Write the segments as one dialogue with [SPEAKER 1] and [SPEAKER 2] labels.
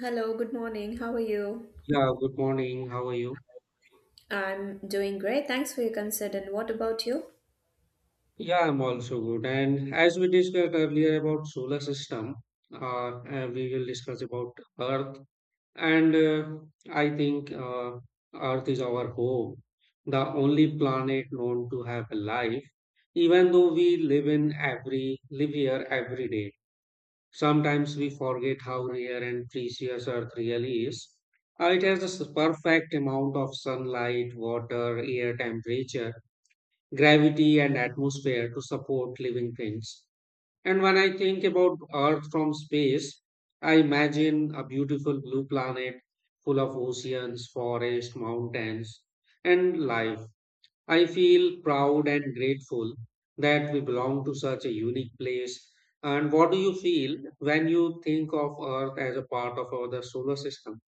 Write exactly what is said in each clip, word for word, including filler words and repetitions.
[SPEAKER 1] Hello, good morning. How are you?
[SPEAKER 2] Yeah, good morning. How are you?
[SPEAKER 1] I'm doing great. Thanks for your consent. And what about you?
[SPEAKER 2] Yeah, I'm also good. And as we discussed earlier about solar system, uh, uh, we will discuss about Earth. And uh, I think uh, Earth is our home, the only planet known to have a life, even though we live in every live here every day. Sometimes we forget how rare and precious Earth really is. Uh, it has the s- perfect amount of sunlight, water, air temperature gravity and atmosphere to support living things. And when I think about Earth from space, I imagine a beautiful blue planet full of oceans, forests, mountains, and life. I feel proud and grateful that we belong to such a unique place. And what do you feel when you think of Earth as a part of our solar system?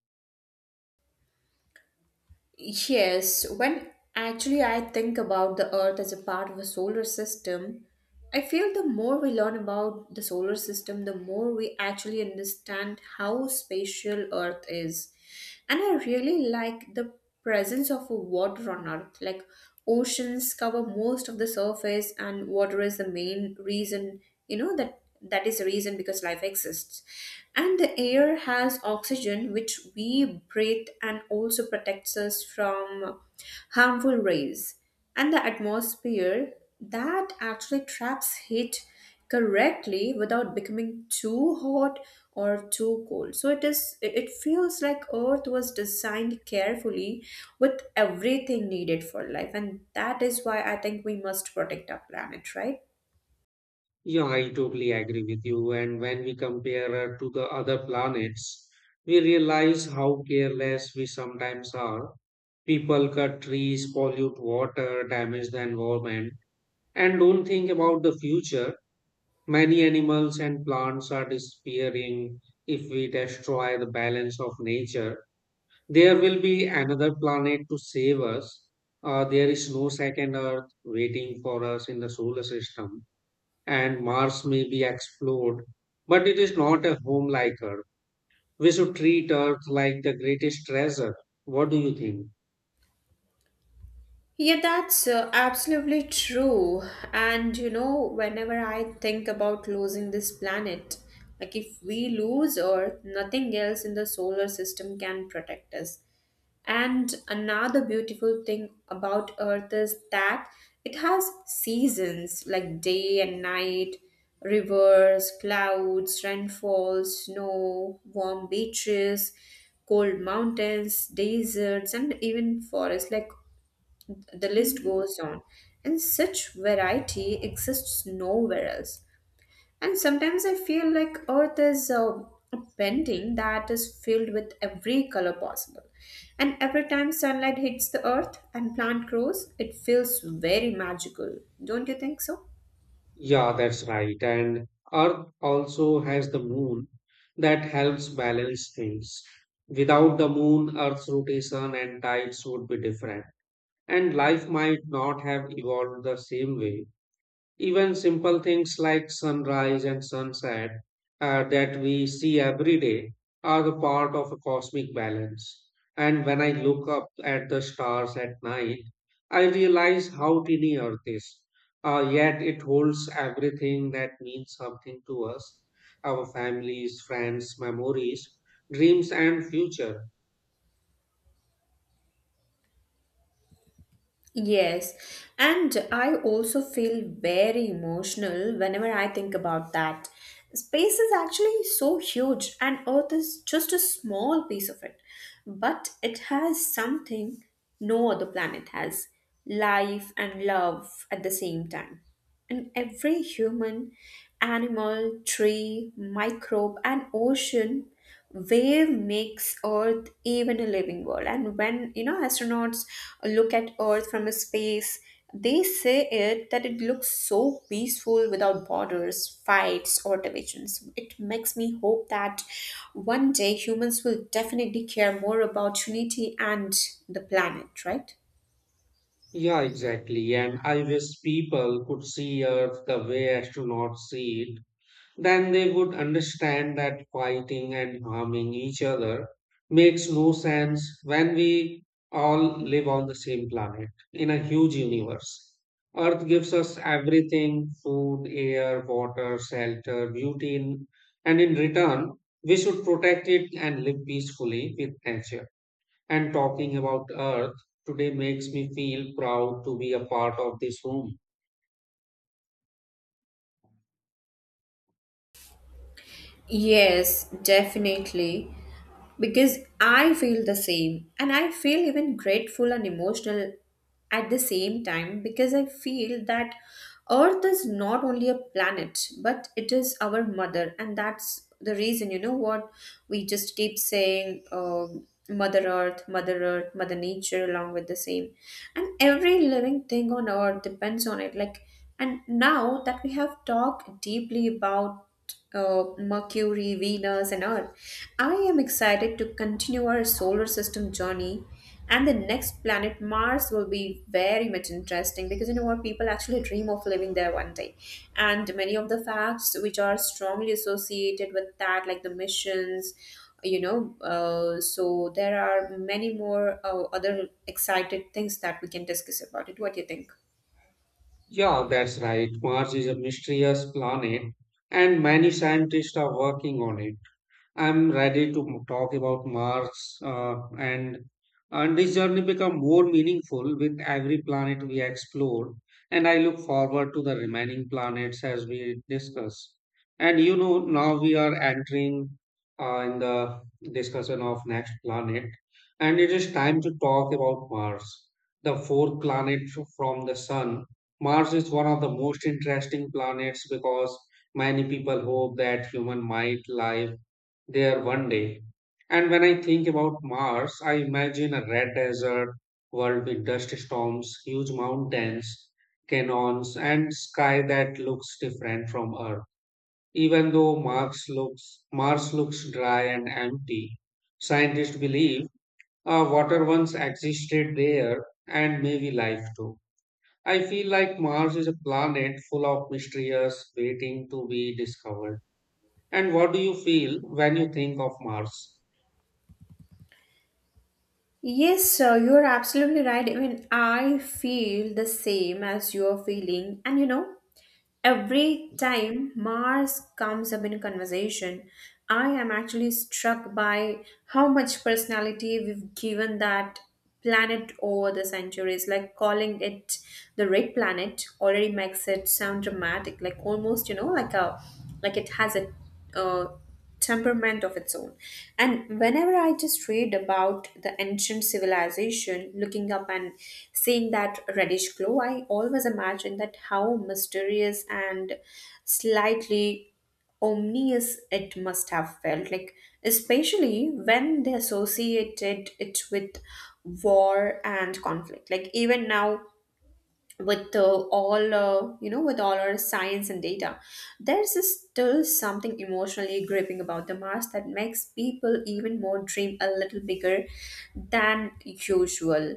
[SPEAKER 1] Yes, when actually I think about the Earth as a part of a solar system, I feel the more we learn about the solar system, the more we actually understand how spatial Earth is. And I really like the presence of water on Earth. Like oceans cover most of the surface, and water is the main reason, you know, that that is the reason because life exists, and the air has oxygen which we breathe and also protects us from harmful rays, and the atmosphere that actually traps heat correctly without becoming too hot or too cold. So it is it it feels like Earth was designed carefully with everything needed for life, and that is why I think we must protect our planet, right?
[SPEAKER 2] Yeah, I totally agree with you. And when we compare Earth to the other planets, we realize how careless we sometimes are. People cut trees, pollute water, damage the environment, and don't think about the future. Many animals and plants are disappearing. If we destroy the balance of nature, there will be another planet to save us. Uh, there is no second Earth waiting for us in the solar system, and Mars may be explored, but it is not a home like Earth. We should treat Earth like the greatest treasure. What do you think?
[SPEAKER 1] Yeah, that's uh, absolutely true. And you know, whenever I think about losing this planet, like if we lose Earth, nothing else in the solar system can protect us. And another beautiful thing about Earth is that it has seasons like day and night, rivers, clouds, rainfall, snow, warm beaches, cold mountains, deserts, and even forests. Like the list goes on, and such variety exists nowhere else. And sometimes I feel like Earth is a a painting that is filled with every color possible. And every time sunlight hits the earth and plant grows, it feels very magical. Don't you think so?
[SPEAKER 2] Yeah, that's right. And Earth also has the moon that helps balance things. Without the moon, Earth's rotation and tides would be different, and life might not have evolved the same way. Even simple things like sunrise and sunset uh, that we see every day are the part of a cosmic balance. And when I look up at the stars at night, I realize how tiny Earth is. Uh, yet it holds everything that means something to us, our families, friends, memories, dreams, and future.
[SPEAKER 1] Yes, and I also feel very emotional whenever I think about that. Space is actually so huge, and Earth is just a small piece of it. But it has something no other planet has: life and love at the same time. And every human, animal, tree, microbe, and ocean wave makes earth even a living world. And when, you know, astronauts look at earth from a space, they say it that it looks so peaceful without borders, fights, or divisions. It makes me hope that one day humans will definitely care more about unity and the planet, right?
[SPEAKER 2] Yeah, exactly. And I wish people could see Earth the way astronauts see it. Then they would understand that fighting and harming each other makes no sense when we all live on the same planet in a huge universe. Earth gives us everything, food, air, water, shelter, beauty, in- and in return, we should protect it and live peacefully with nature. And talking about Earth today makes me feel proud to be a part of this room.
[SPEAKER 1] Yes, definitely. Because I feel the same. And I feel even grateful and emotional at the same time, because I feel that Earth is not only a planet, but it is our mother. And that's the reason, you know what? We just keep saying, um, Mother Earth, Mother Earth, Mother Nature, along with the same. And every living thing on Earth depends on it. Like, and now that we have talked deeply about uh, Mercury, Venus, and all. I am excited to continue our solar system journey, and the next planet, Mars, will be very much interesting because you know what, people actually dream of living there one day, and many of the facts which are strongly associated with that, like the missions. You know, uh, so there are many more uh, other excited things that we can discuss about it. What do you think?
[SPEAKER 2] Yeah, that's right. Mars is a mysterious planet, and many scientists are working on it. I'm ready to talk about Mars, uh, and and this journey become more meaningful with every planet we explore. And I look forward to the remaining planets as we discuss. And you know, now we are entering uh, in the discussion of next planet, and it is time to talk about Mars, the fourth planet from the Sun. Mars is one of the most interesting planets because many people hope that human might live there one day. And when I think about Mars, I imagine a red desert world with dust storms, huge mountains, canyons, and sky that looks different from Earth. Even though Mars looks Mars looks dry and empty, scientists believe uh, water once existed there and maybe life too. I feel like Mars is a planet full of mysteries waiting to be discovered. And what do you feel when you think of Mars?
[SPEAKER 1] Yes, sir, you're absolutely right. Even I feel the same as you're feeling. And you know, every time Mars comes up in conversation, I am actually struck by how much personality we've given that planet over the centuries. Like calling it the red planet already makes it sound dramatic, like almost, you know, like a, like it has a uh, temperament of its own. And whenever I just read about the ancient civilization, looking up and seeing that reddish glow, I always imagine that how mysterious and slightly ominous it must have felt, like especially when they associated it with war and conflict. Like even now, with uh, all uh, you know, with all our science and data, there's a still something emotionally gripping about the Mars that makes people even more dream a little bigger than usual.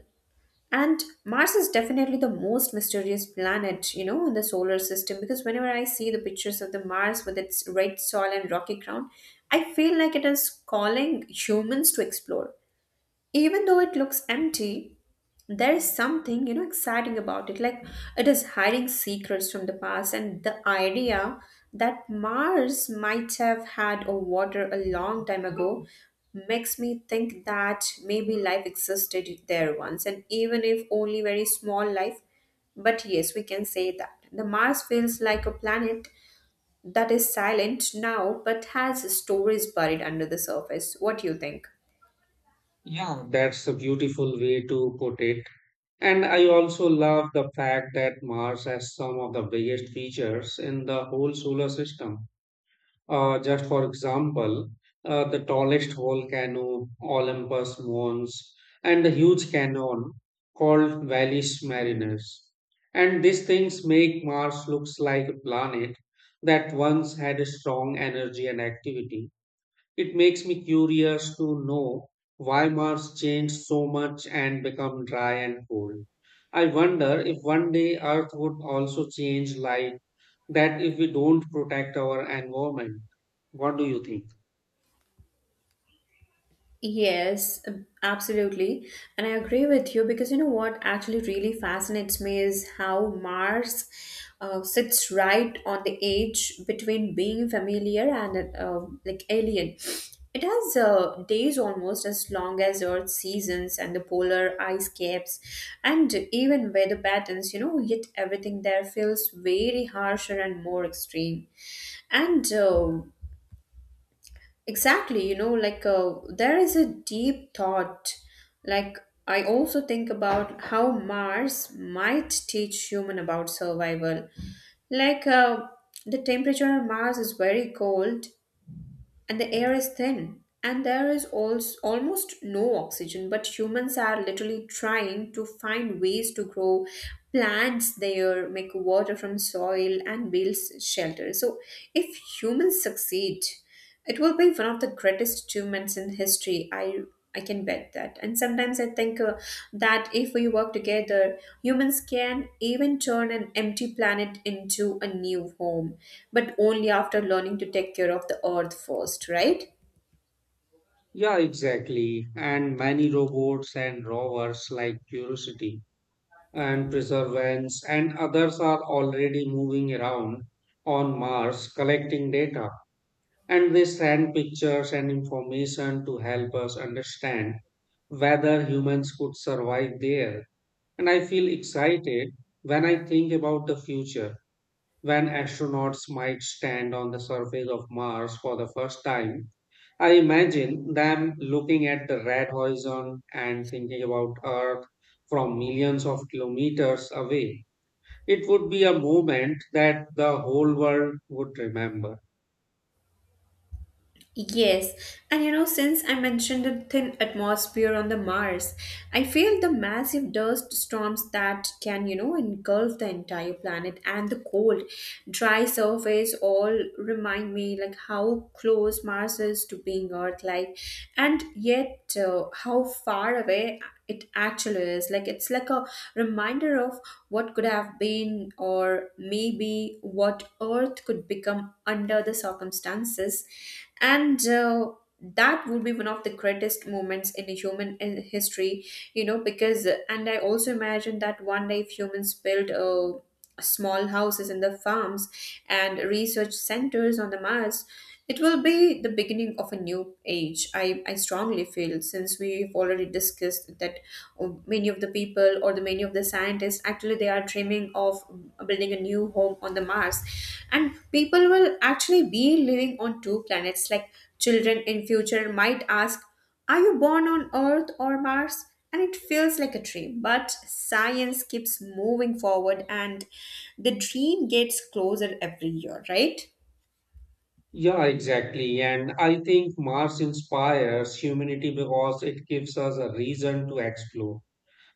[SPEAKER 1] And Mars is definitely the most mysterious planet, you know, in the solar system, because whenever I see the pictures of the Mars with its red soil and rocky ground, I feel like it is calling humans to explore. Even though it looks empty, there is something, you know, exciting about it. Like it is hiding secrets from the past, and the idea that Mars might have had a water a long time ago makes me think that maybe life existed there once, and even if only very small life. But yes, we can say that the Mars feels like a planet that is silent now but has stories buried under the surface. What do you think?
[SPEAKER 2] Yeah, that's a beautiful way to put it. And I also love the fact that Mars has some of the biggest features in the whole solar system. Uh, just for example, uh, the tallest volcano, Olympus Mons, and the huge canyon called Valles Marineris. And these things make Mars looks like a planet that once had a strong energy and activity. It makes me curious to know why Mars changed so much and become dry and cold. I wonder if one day Earth would also change like that if we don't protect our environment. What do you think?
[SPEAKER 1] Yes, ab- absolutely. And I agree with you, because you know what actually really fascinates me is how Mars uh, sits right on the edge between being familiar and uh, like alien. It has uh, days almost as long as Earth's seasons, and the polar ice caps and even weather patterns, you know, yet everything there feels very harsher and more extreme. And uh, Exactly, you know, like uh, there is a deep thought. Like, I also think about how Mars might teach human about survival. Like, uh, the temperature on Mars is very cold, and the air is thin, and there is also almost no oxygen, but humans are literally trying to find ways to grow plants there, make water from soil, and build shelter. So if humans succeed, it will be one of the greatest achievements in history. i I can bet that. And sometimes I think uh, that if we work together, humans can even turn an empty planet into a new home, but only after learning to take care of the earth first, right?
[SPEAKER 2] Yeah, exactly. And many robots and rovers like Curiosity and Perseverance and others are already moving around on Mars collecting data. And they send pictures and information to help us understand whether humans could survive there. And I feel excited when I think about the future, when astronauts might stand on the surface of Mars for the first time. I imagine them looking at the red horizon and thinking about Earth from millions of kilometers away. It would be a moment that the whole world would remember.
[SPEAKER 1] Yes, and you know, since I mentioned the thin atmosphere on the Mars, I feel the massive dust storms that can, you know, engulf the entire planet, and the cold, dry surface all remind me like how close Mars is to being Earth-like, and yet uh, how far away it actually is. Like it's like a reminder of what could have been, or maybe what Earth could become under the circumstances. And uh, That would be one of the greatest moments in the human in history, you know, because. And I also imagine that one day if humans build uh, small houses in the farms and research centers on the Mars, it will be the beginning of a new age. i, I strongly feel, since we've already discussed that uh, many of the people, or the many of the scientists, actually they are dreaming of building a new home on the Mars, and people will actually be living on two planets. Like children in future might ask, are you born on earth or Mars? And it feels like a dream, but science keeps moving forward, and the dream gets closer every year, right?
[SPEAKER 2] Yeah, exactly. And I think Mars inspires humanity because it gives us a reason to explore.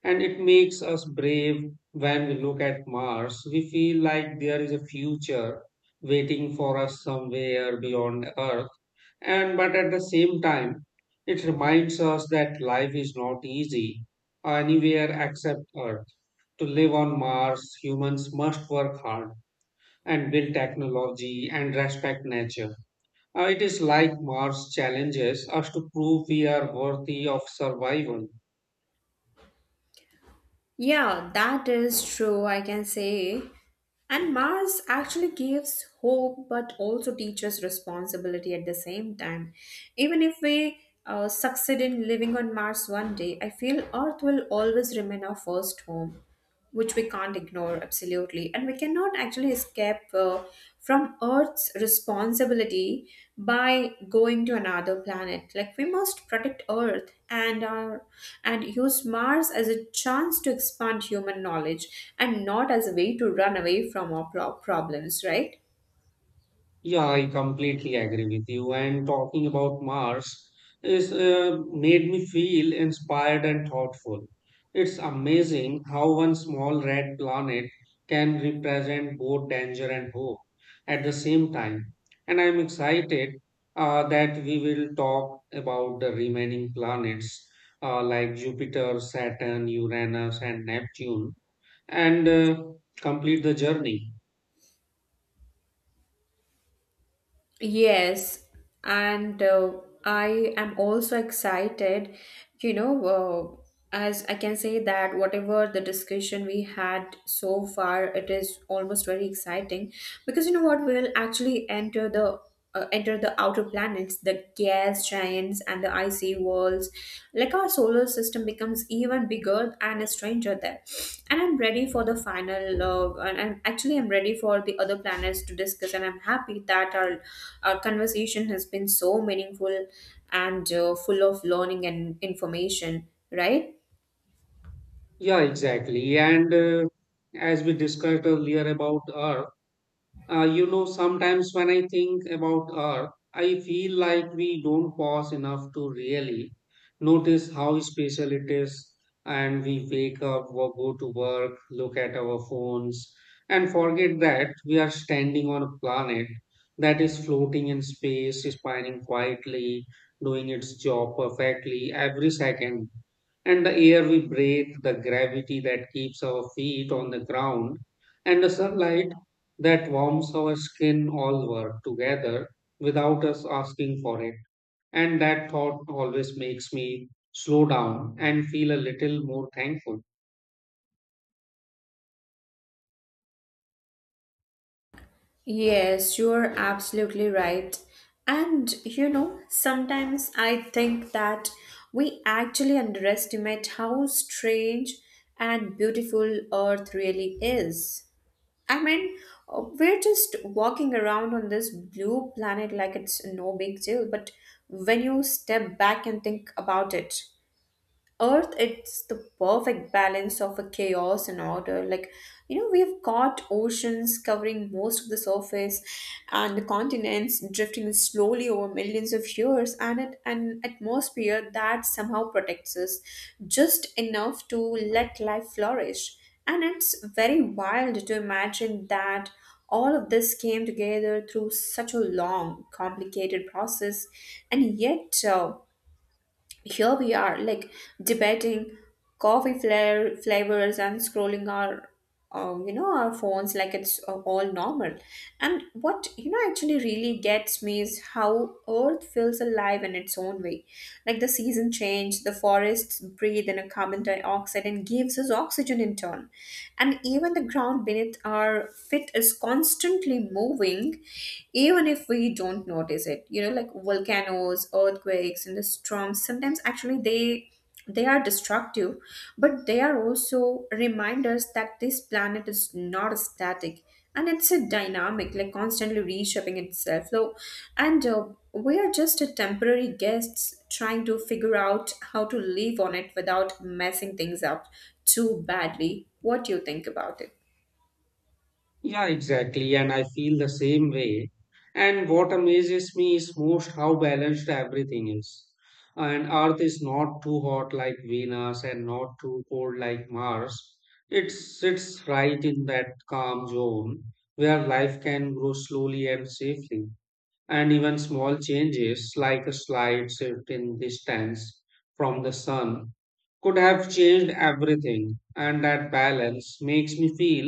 [SPEAKER 2] And it makes us brave when we look at Mars. We feel like there is a future waiting for us somewhere beyond Earth. And but at the same time, it reminds us that life is not easy anywhere except Earth. To live on Mars, humans must work hard and build technology and respect nature. Uh, It is like Mars challenges us to prove we are worthy of survival.
[SPEAKER 1] Yeah, that is true, I can say. And Mars actually gives hope but also teaches responsibility at the same time. Even if we uh, succeed in living on Mars one day, I feel Earth will always remain our first home, which we can't ignore absolutely. And we cannot actually escape uh, from earth's responsibility by going to another planet. Like we must protect earth and our, and use Mars as a chance to expand human knowledge, and not as a way to run away from our pro- problems, right?
[SPEAKER 2] Yeah, I completely agree with you. And talking about Mars is uh, made me feel inspired and thoughtful. It's amazing how one small red planet can represent both danger and hope at the same time. And I'm excited uh, that we will talk about the remaining planets uh, like Jupiter, Saturn, Uranus, and Neptune and uh, complete the journey.
[SPEAKER 1] Yes, and uh, I am also excited, you know, uh, as I can say that whatever the discussion we had so far, it is almost very exciting, because you know what, we'll actually enter the uh, enter the outer planets, the gas giants, and the icy worlds. Like our solar system becomes even bigger and a stranger there. And I'm ready for the final, uh, and I'm actually I'm ready for the other planets to discuss. And I'm happy that our our conversation has been so meaningful and uh, full of learning and information. Right?
[SPEAKER 2] Yeah, exactly. And uh, As we discussed earlier about Earth, Uh, you know, sometimes when I think about Earth, I feel like we don't pause enough to really notice how special it is. And we wake up, or go to work, look at our phones, and forget that we are standing on a planet that is floating in space, spinning quietly, doing its job perfectly every second. And the air we breathe, the gravity that keeps our feet on the ground, and the sunlight that warms our skin all work together without us asking for it. And that thought always makes me slow down and feel a little more thankful.
[SPEAKER 1] Yes, you're absolutely right. And you know, sometimes I think that we actually underestimate how strange and beautiful Earth really is. I mean, uh, we're just walking around on this blue planet like it's no big deal, but when you step back and think about it, earth, it's the perfect balance of a chaos and order. Like, you know, we've got oceans covering most of the surface, and the continents drifting slowly over millions of years, and it, an atmosphere that somehow protects us just enough to let life flourish. And it's very wild to imagine that all of this came together through such a long complicated process, and yet uh, here we are, like debating coffee flair flavors and scrolling our, uh, you know, our phones like it's uh, all normal. And what, you know, actually really gets me is how Earth feels alive in its own way. Like the season change, the forests breathe in a carbon dioxide and gives us oxygen in turn, and even the ground beneath our feet is constantly moving, even if if we don't notice it, you know, like volcanoes, earthquakes, and the storms. Sometimes actually they they are destructive, but they are also reminders that this planet is not static, and it's a dynamic, like constantly reshaping itself. So and uh, we are just a temporary guests trying to figure out how to live on it without messing things up too badly. What do you think about it?
[SPEAKER 2] Yeah, exactly. And I feel the same way. And what amazes me is most how balanced everything is. And Earth is not too hot like Venus and not too cold like Mars. It sits right in that calm zone where life can grow slowly and safely. And even small changes like a slight shift in distance from the sun could have changed everything, and that balance makes me feel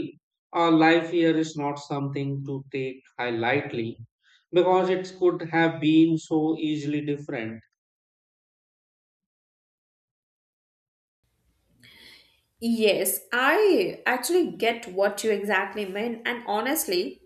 [SPEAKER 2] our life here is not something to take high lightly, because it could have been so easily different.
[SPEAKER 1] Yes, I actually get what you exactly mean, and honestly,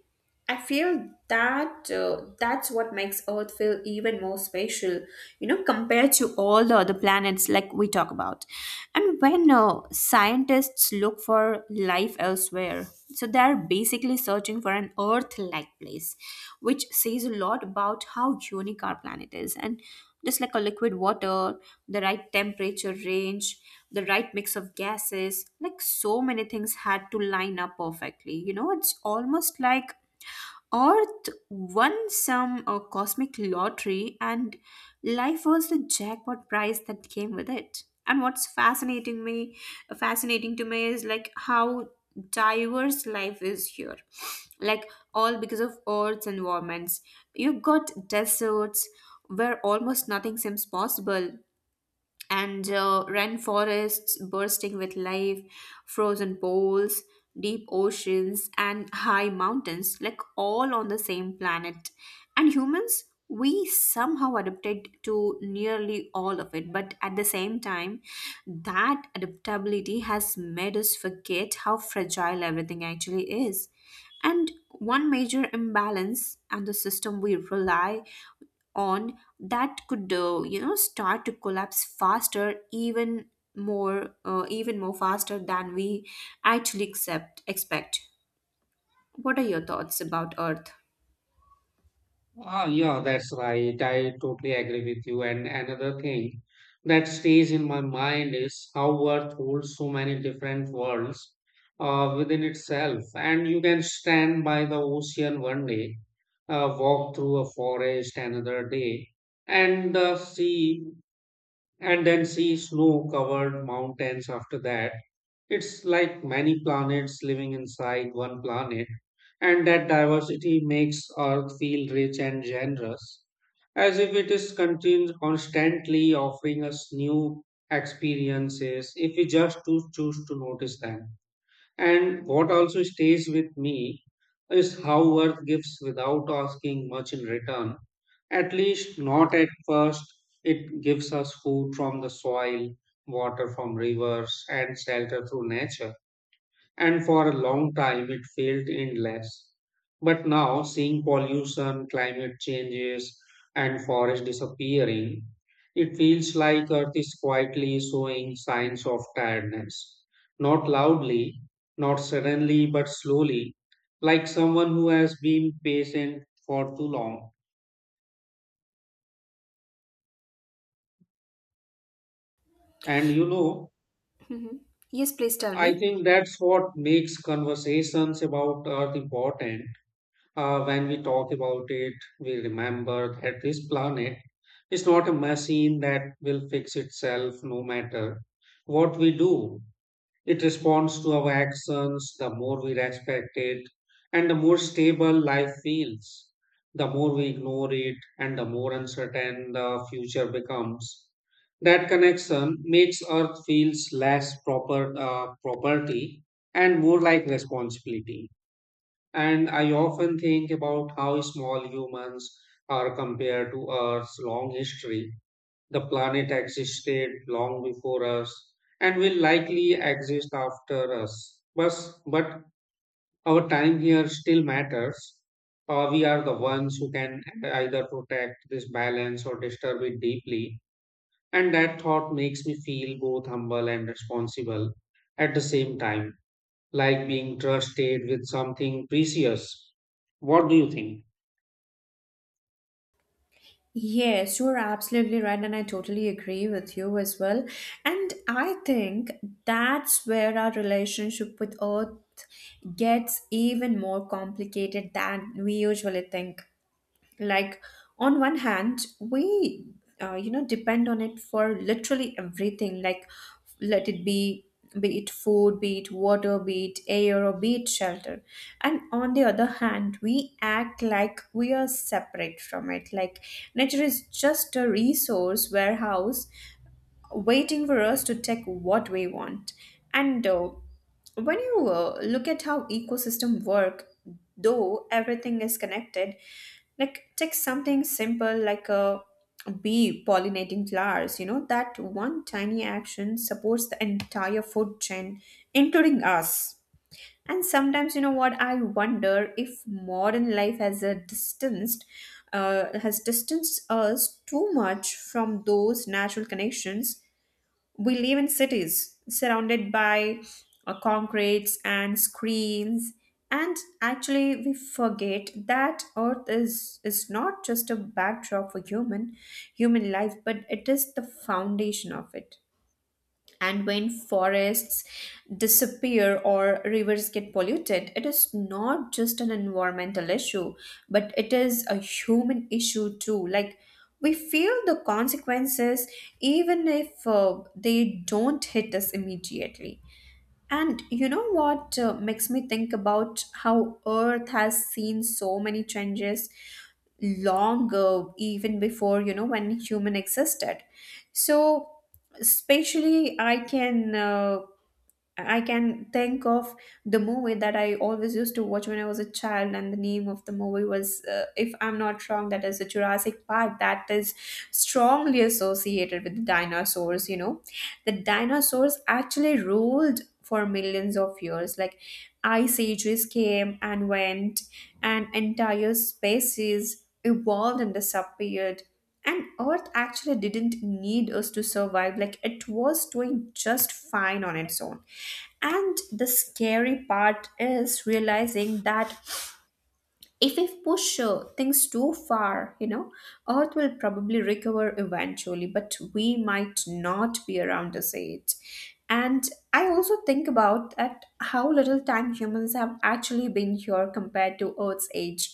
[SPEAKER 1] I feel that uh, that's what makes Earth feel even more special, you know, compared to all the other planets like we talk about. And when uh, scientists look for life elsewhere, so they are basically searching for an Earth-like place, which says a lot about how unique our planet is. And just like a liquid water, the right temperature range, the right mix of gases, like so many things had to line up perfectly. You know, it's almost like Earth won some uh, cosmic lottery, and life was the jackpot prize that came with it. And what's fascinating me, fascinating to me is like how diverse life is here, like all because of Earth's environments. You've got deserts where almost nothing seems possible, and uh, rainforests bursting with life, frozen poles, deep oceans, and high mountains, like all on the same planet. And humans, we somehow adapted to nearly all of it, but at the same time, that adaptability has made us forget how fragile everything actually is. And one major imbalance and the system we rely on that could, uh, you know, start to collapse faster, even more uh, even more faster than we actually accept expect. What are your thoughts about earth?
[SPEAKER 2] Ah, yeah, that's right. I totally agree with you. And another thing that stays in my mind is how Earth holds so many different worlds uh, within itself. And you can stand by the ocean one day, uh, walk through a forest another day, and uh, see, and then see snow-covered mountains after that. It's like many planets living inside one planet, and that diversity makes Earth feel rich and generous, as if it is continu- constantly offering us new experiences if we just to choose to notice them. And what also stays with me is how Earth gives without asking much in return. At least not at first, it gives us food from the soil, water from rivers, and shelter through nature, and for a long time it felt endless. But now, seeing pollution, climate changes, and forest disappearing, it feels like Earth is quietly showing signs of tiredness. Not loudly, not suddenly, but slowly, like someone who has been patient for too long. And you know,
[SPEAKER 1] Mhm. Yes, please tell
[SPEAKER 2] I
[SPEAKER 1] me.
[SPEAKER 2] think that's what makes conversations about Earth important. Uh, when we talk about it, we remember that this planet is not a machine that will fix itself no matter what we do. It responds to our actions. The more we respect it, and the more stable life feels, the more we ignore it, and the more uncertain the future becomes. That connection makes Earth feels less proper uh, property and more like responsibility. And I often think about how small humans are compared to Earth's long history. The planet existed long before us and will likely exist after us. But, but our time here still matters. Uh, we are the ones who can either protect this balance or disturb it deeply. And that thought makes me feel both humble and responsible at the same time, like being trusted with something precious. What do you think?
[SPEAKER 1] Yes, you're absolutely right, and I totally agree with you as well. And I think that's where our relationship with Earth gets even more complicated than we usually think. Like, on one hand, we uh, you know, depend on it for literally everything, like let it be be it food, be it water, be it air, or be it shelter. And on the other hand, we act like we are separate from it, like nature is just a resource warehouse waiting for us to take what we want. And uh, when you uh, look at how ecosystem work, though everything is connected, like take something simple like a bee pollinating flowers. You know, that one tiny action supports the entire food chain, including us. And sometimes, you know what, I wonder if modern life has a distanced, uh, has distanced us too much from those natural connections. We live in cities surrounded by uh, concretes and screens, and actually we forget that earth is is not just a backdrop for human human life, but it is the foundation of it. And when forests disappear or rivers get polluted, it is not just an environmental issue, but it is a human issue too. Like, we feel the consequences even if uh, they don't hit us immediately. And you know what, uh, makes me think about how Earth has seen so many changes long ago, even before, you know, when human existed. So especially i can uh, I can think of the movie that I always used to watch when I was a child, and the name of the movie was, uh, if I'm not wrong, that is a Jurassic Park, that is strongly associated with the dinosaurs. You know, the dinosaurs actually ruled for millions of years. Like, ice ages came and went, and entire species evolved and disappeared. And Earth actually didn't need us to survive, like, it was doing just fine on its own. And the scary part is realizing that if we push uh, things too far, you know, Earth will probably recover eventually, but we might not be around to see it. And I also think about that how little time humans have actually been here compared to Earth's age.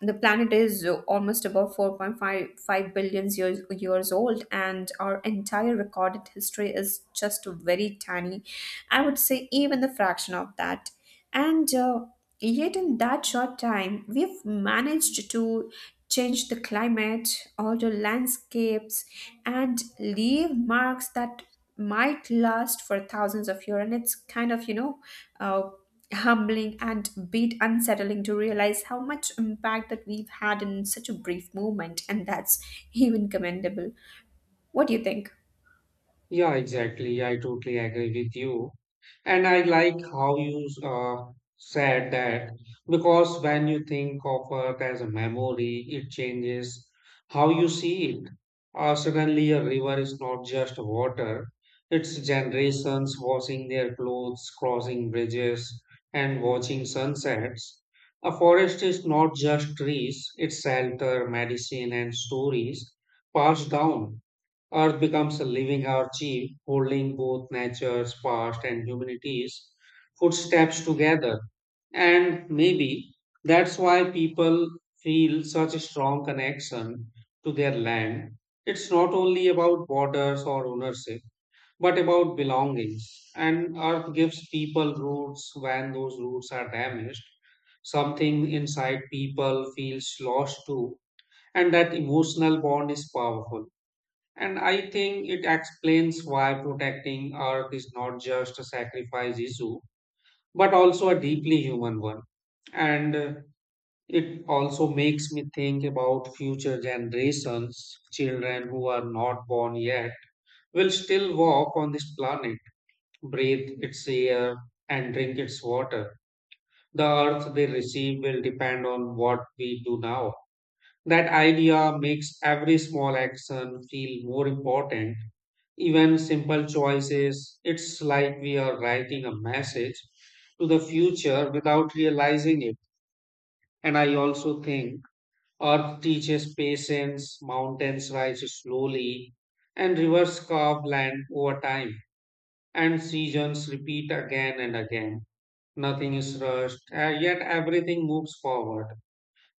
[SPEAKER 1] The planet is uh, almost about four point five billion years, years old, and our entire recorded history is just very tiny. I would say even the fraction of that. And uh, yet, in that short time, we've managed to change the climate, alter landscapes, and leave marks that might last for thousands of years. And it's kind of, you know, uh, humbling and bit unsettling to realize how much impact that we've had in such a brief moment. And that's even commendable. What do you think?
[SPEAKER 2] Yeah, exactly. I totally agree with you. And I like how you uh, said that, because when you think of uh, it as a memory, it changes how you see it. Uh, suddenly, a river is not just water, it's generations washing their clothes, crossing bridges, and watching sunsets. A forest is not just trees, it's shelter, medicine, and stories passed down. Earth becomes a living archive, holding both nature's past and humanity's footsteps together. And maybe that's why people feel such a strong connection to their land. It's not only about borders or ownership, but about belongings. And Earth gives people roots when those roots are damaged. Something inside people feels lost too, and that emotional bond is powerful. And I think it explains why protecting Earth is not just a sacrifice issue, but also a deeply human one. And uh, it also makes me think about future generations, children who are not born yet, will still walk on this planet, breathe its air, and drink its water. The Earth they receive will depend on what we do now. That idea makes every small action feel more important. Even simple choices, it's like we are writing a message to the future without realizing it. And I also think Earth teaches patience, mountains rise slowly, and rivers carve land over time, and seasons repeat again and again. Nothing is rushed, uh, yet everything moves forward.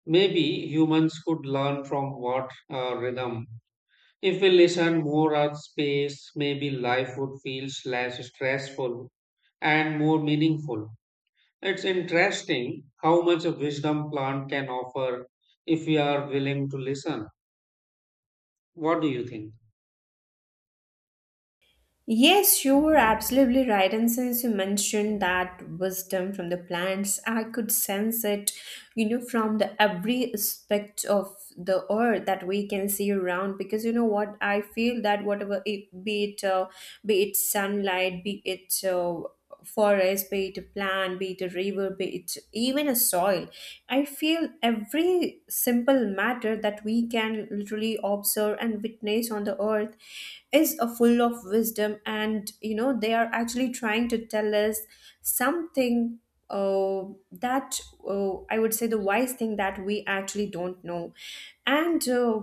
[SPEAKER 2] Maybe humans could learn from what uh, rhythm if we listen more on space, maybe life would feel less stressful and more meaningful. It's interesting how much a wisdom plant can offer if we are willing to listen. What do you think?
[SPEAKER 1] Yes, you were absolutely right. And since you mentioned that wisdom from the plants, I could sense it, you know, from the every aspect of the earth that we can see around. Because you know what, I feel that whatever it, be it, uh, be it sunlight, be it, Uh, forest, be it a plant, be it a river, be it even a soil. I feel every simple matter that we can literally observe and witness on the earth is a full of wisdom, and you know, they are actually trying to tell us something, uh, that uh, I would say the wise thing that we actually don't know. And uh,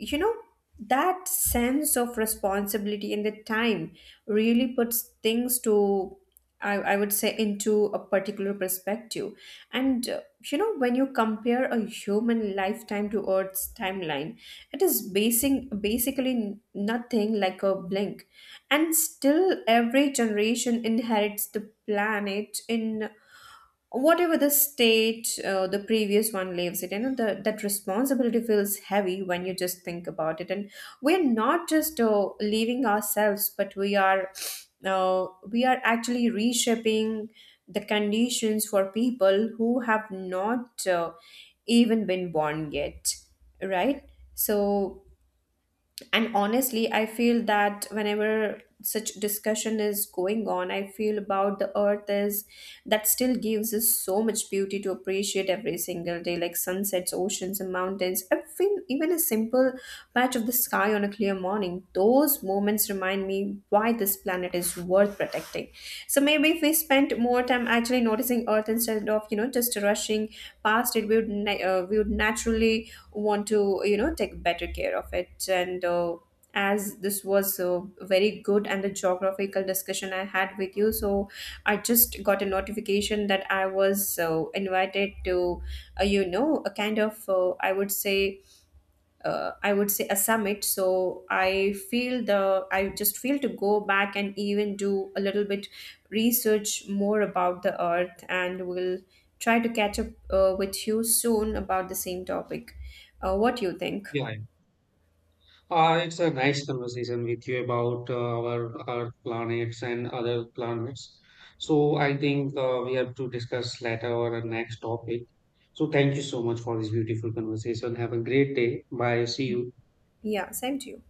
[SPEAKER 1] you know, that sense of responsibility and the time really puts things to, I, I would say, into a particular perspective. And uh, you know, when you compare a human lifetime to earth's timeline, it is basing basically nothing, like a blink. And still every generation inherits the planet in whatever the state, uh, the previous one lives it, you know, the, that responsibility feels heavy when you just think about it. And we're not just uh, leaving ourselves, but we are, uh, we are actually reshaping the conditions for people who have not uh, even been born yet, right? So and honestly, I feel that whenever such discussion is going on, I feel about the earth is that still gives us so much beauty to appreciate every single day, like sunsets, oceans, and mountains. Even even a simple patch of the sky on a clear morning. Those moments remind me why this planet is worth protecting. So maybe if we spent more time actually noticing Earth instead of, you know, just rushing past it, we would, na- uh, we would naturally want to, you know, take better care of it. And uh, as this was uh, very good and the geographical discussion I had with you, so I just got a notification that I was uh, invited to uh, you know, a kind of, uh, i would say uh, I would say a summit. So I feel the I just feel to go back and even do a little bit research more about the Earth, and we'll try to catch up uh, with you soon about the same topic. Uh, what do you think?
[SPEAKER 2] Yeah, yeah. uh, It's a nice conversation with you about uh, our Earth planets and other planets. So I think uh, we have to discuss later or our next topic. So thank you so much for this beautiful conversation. Have a great day. Bye. See you.
[SPEAKER 1] Yeah, same to you.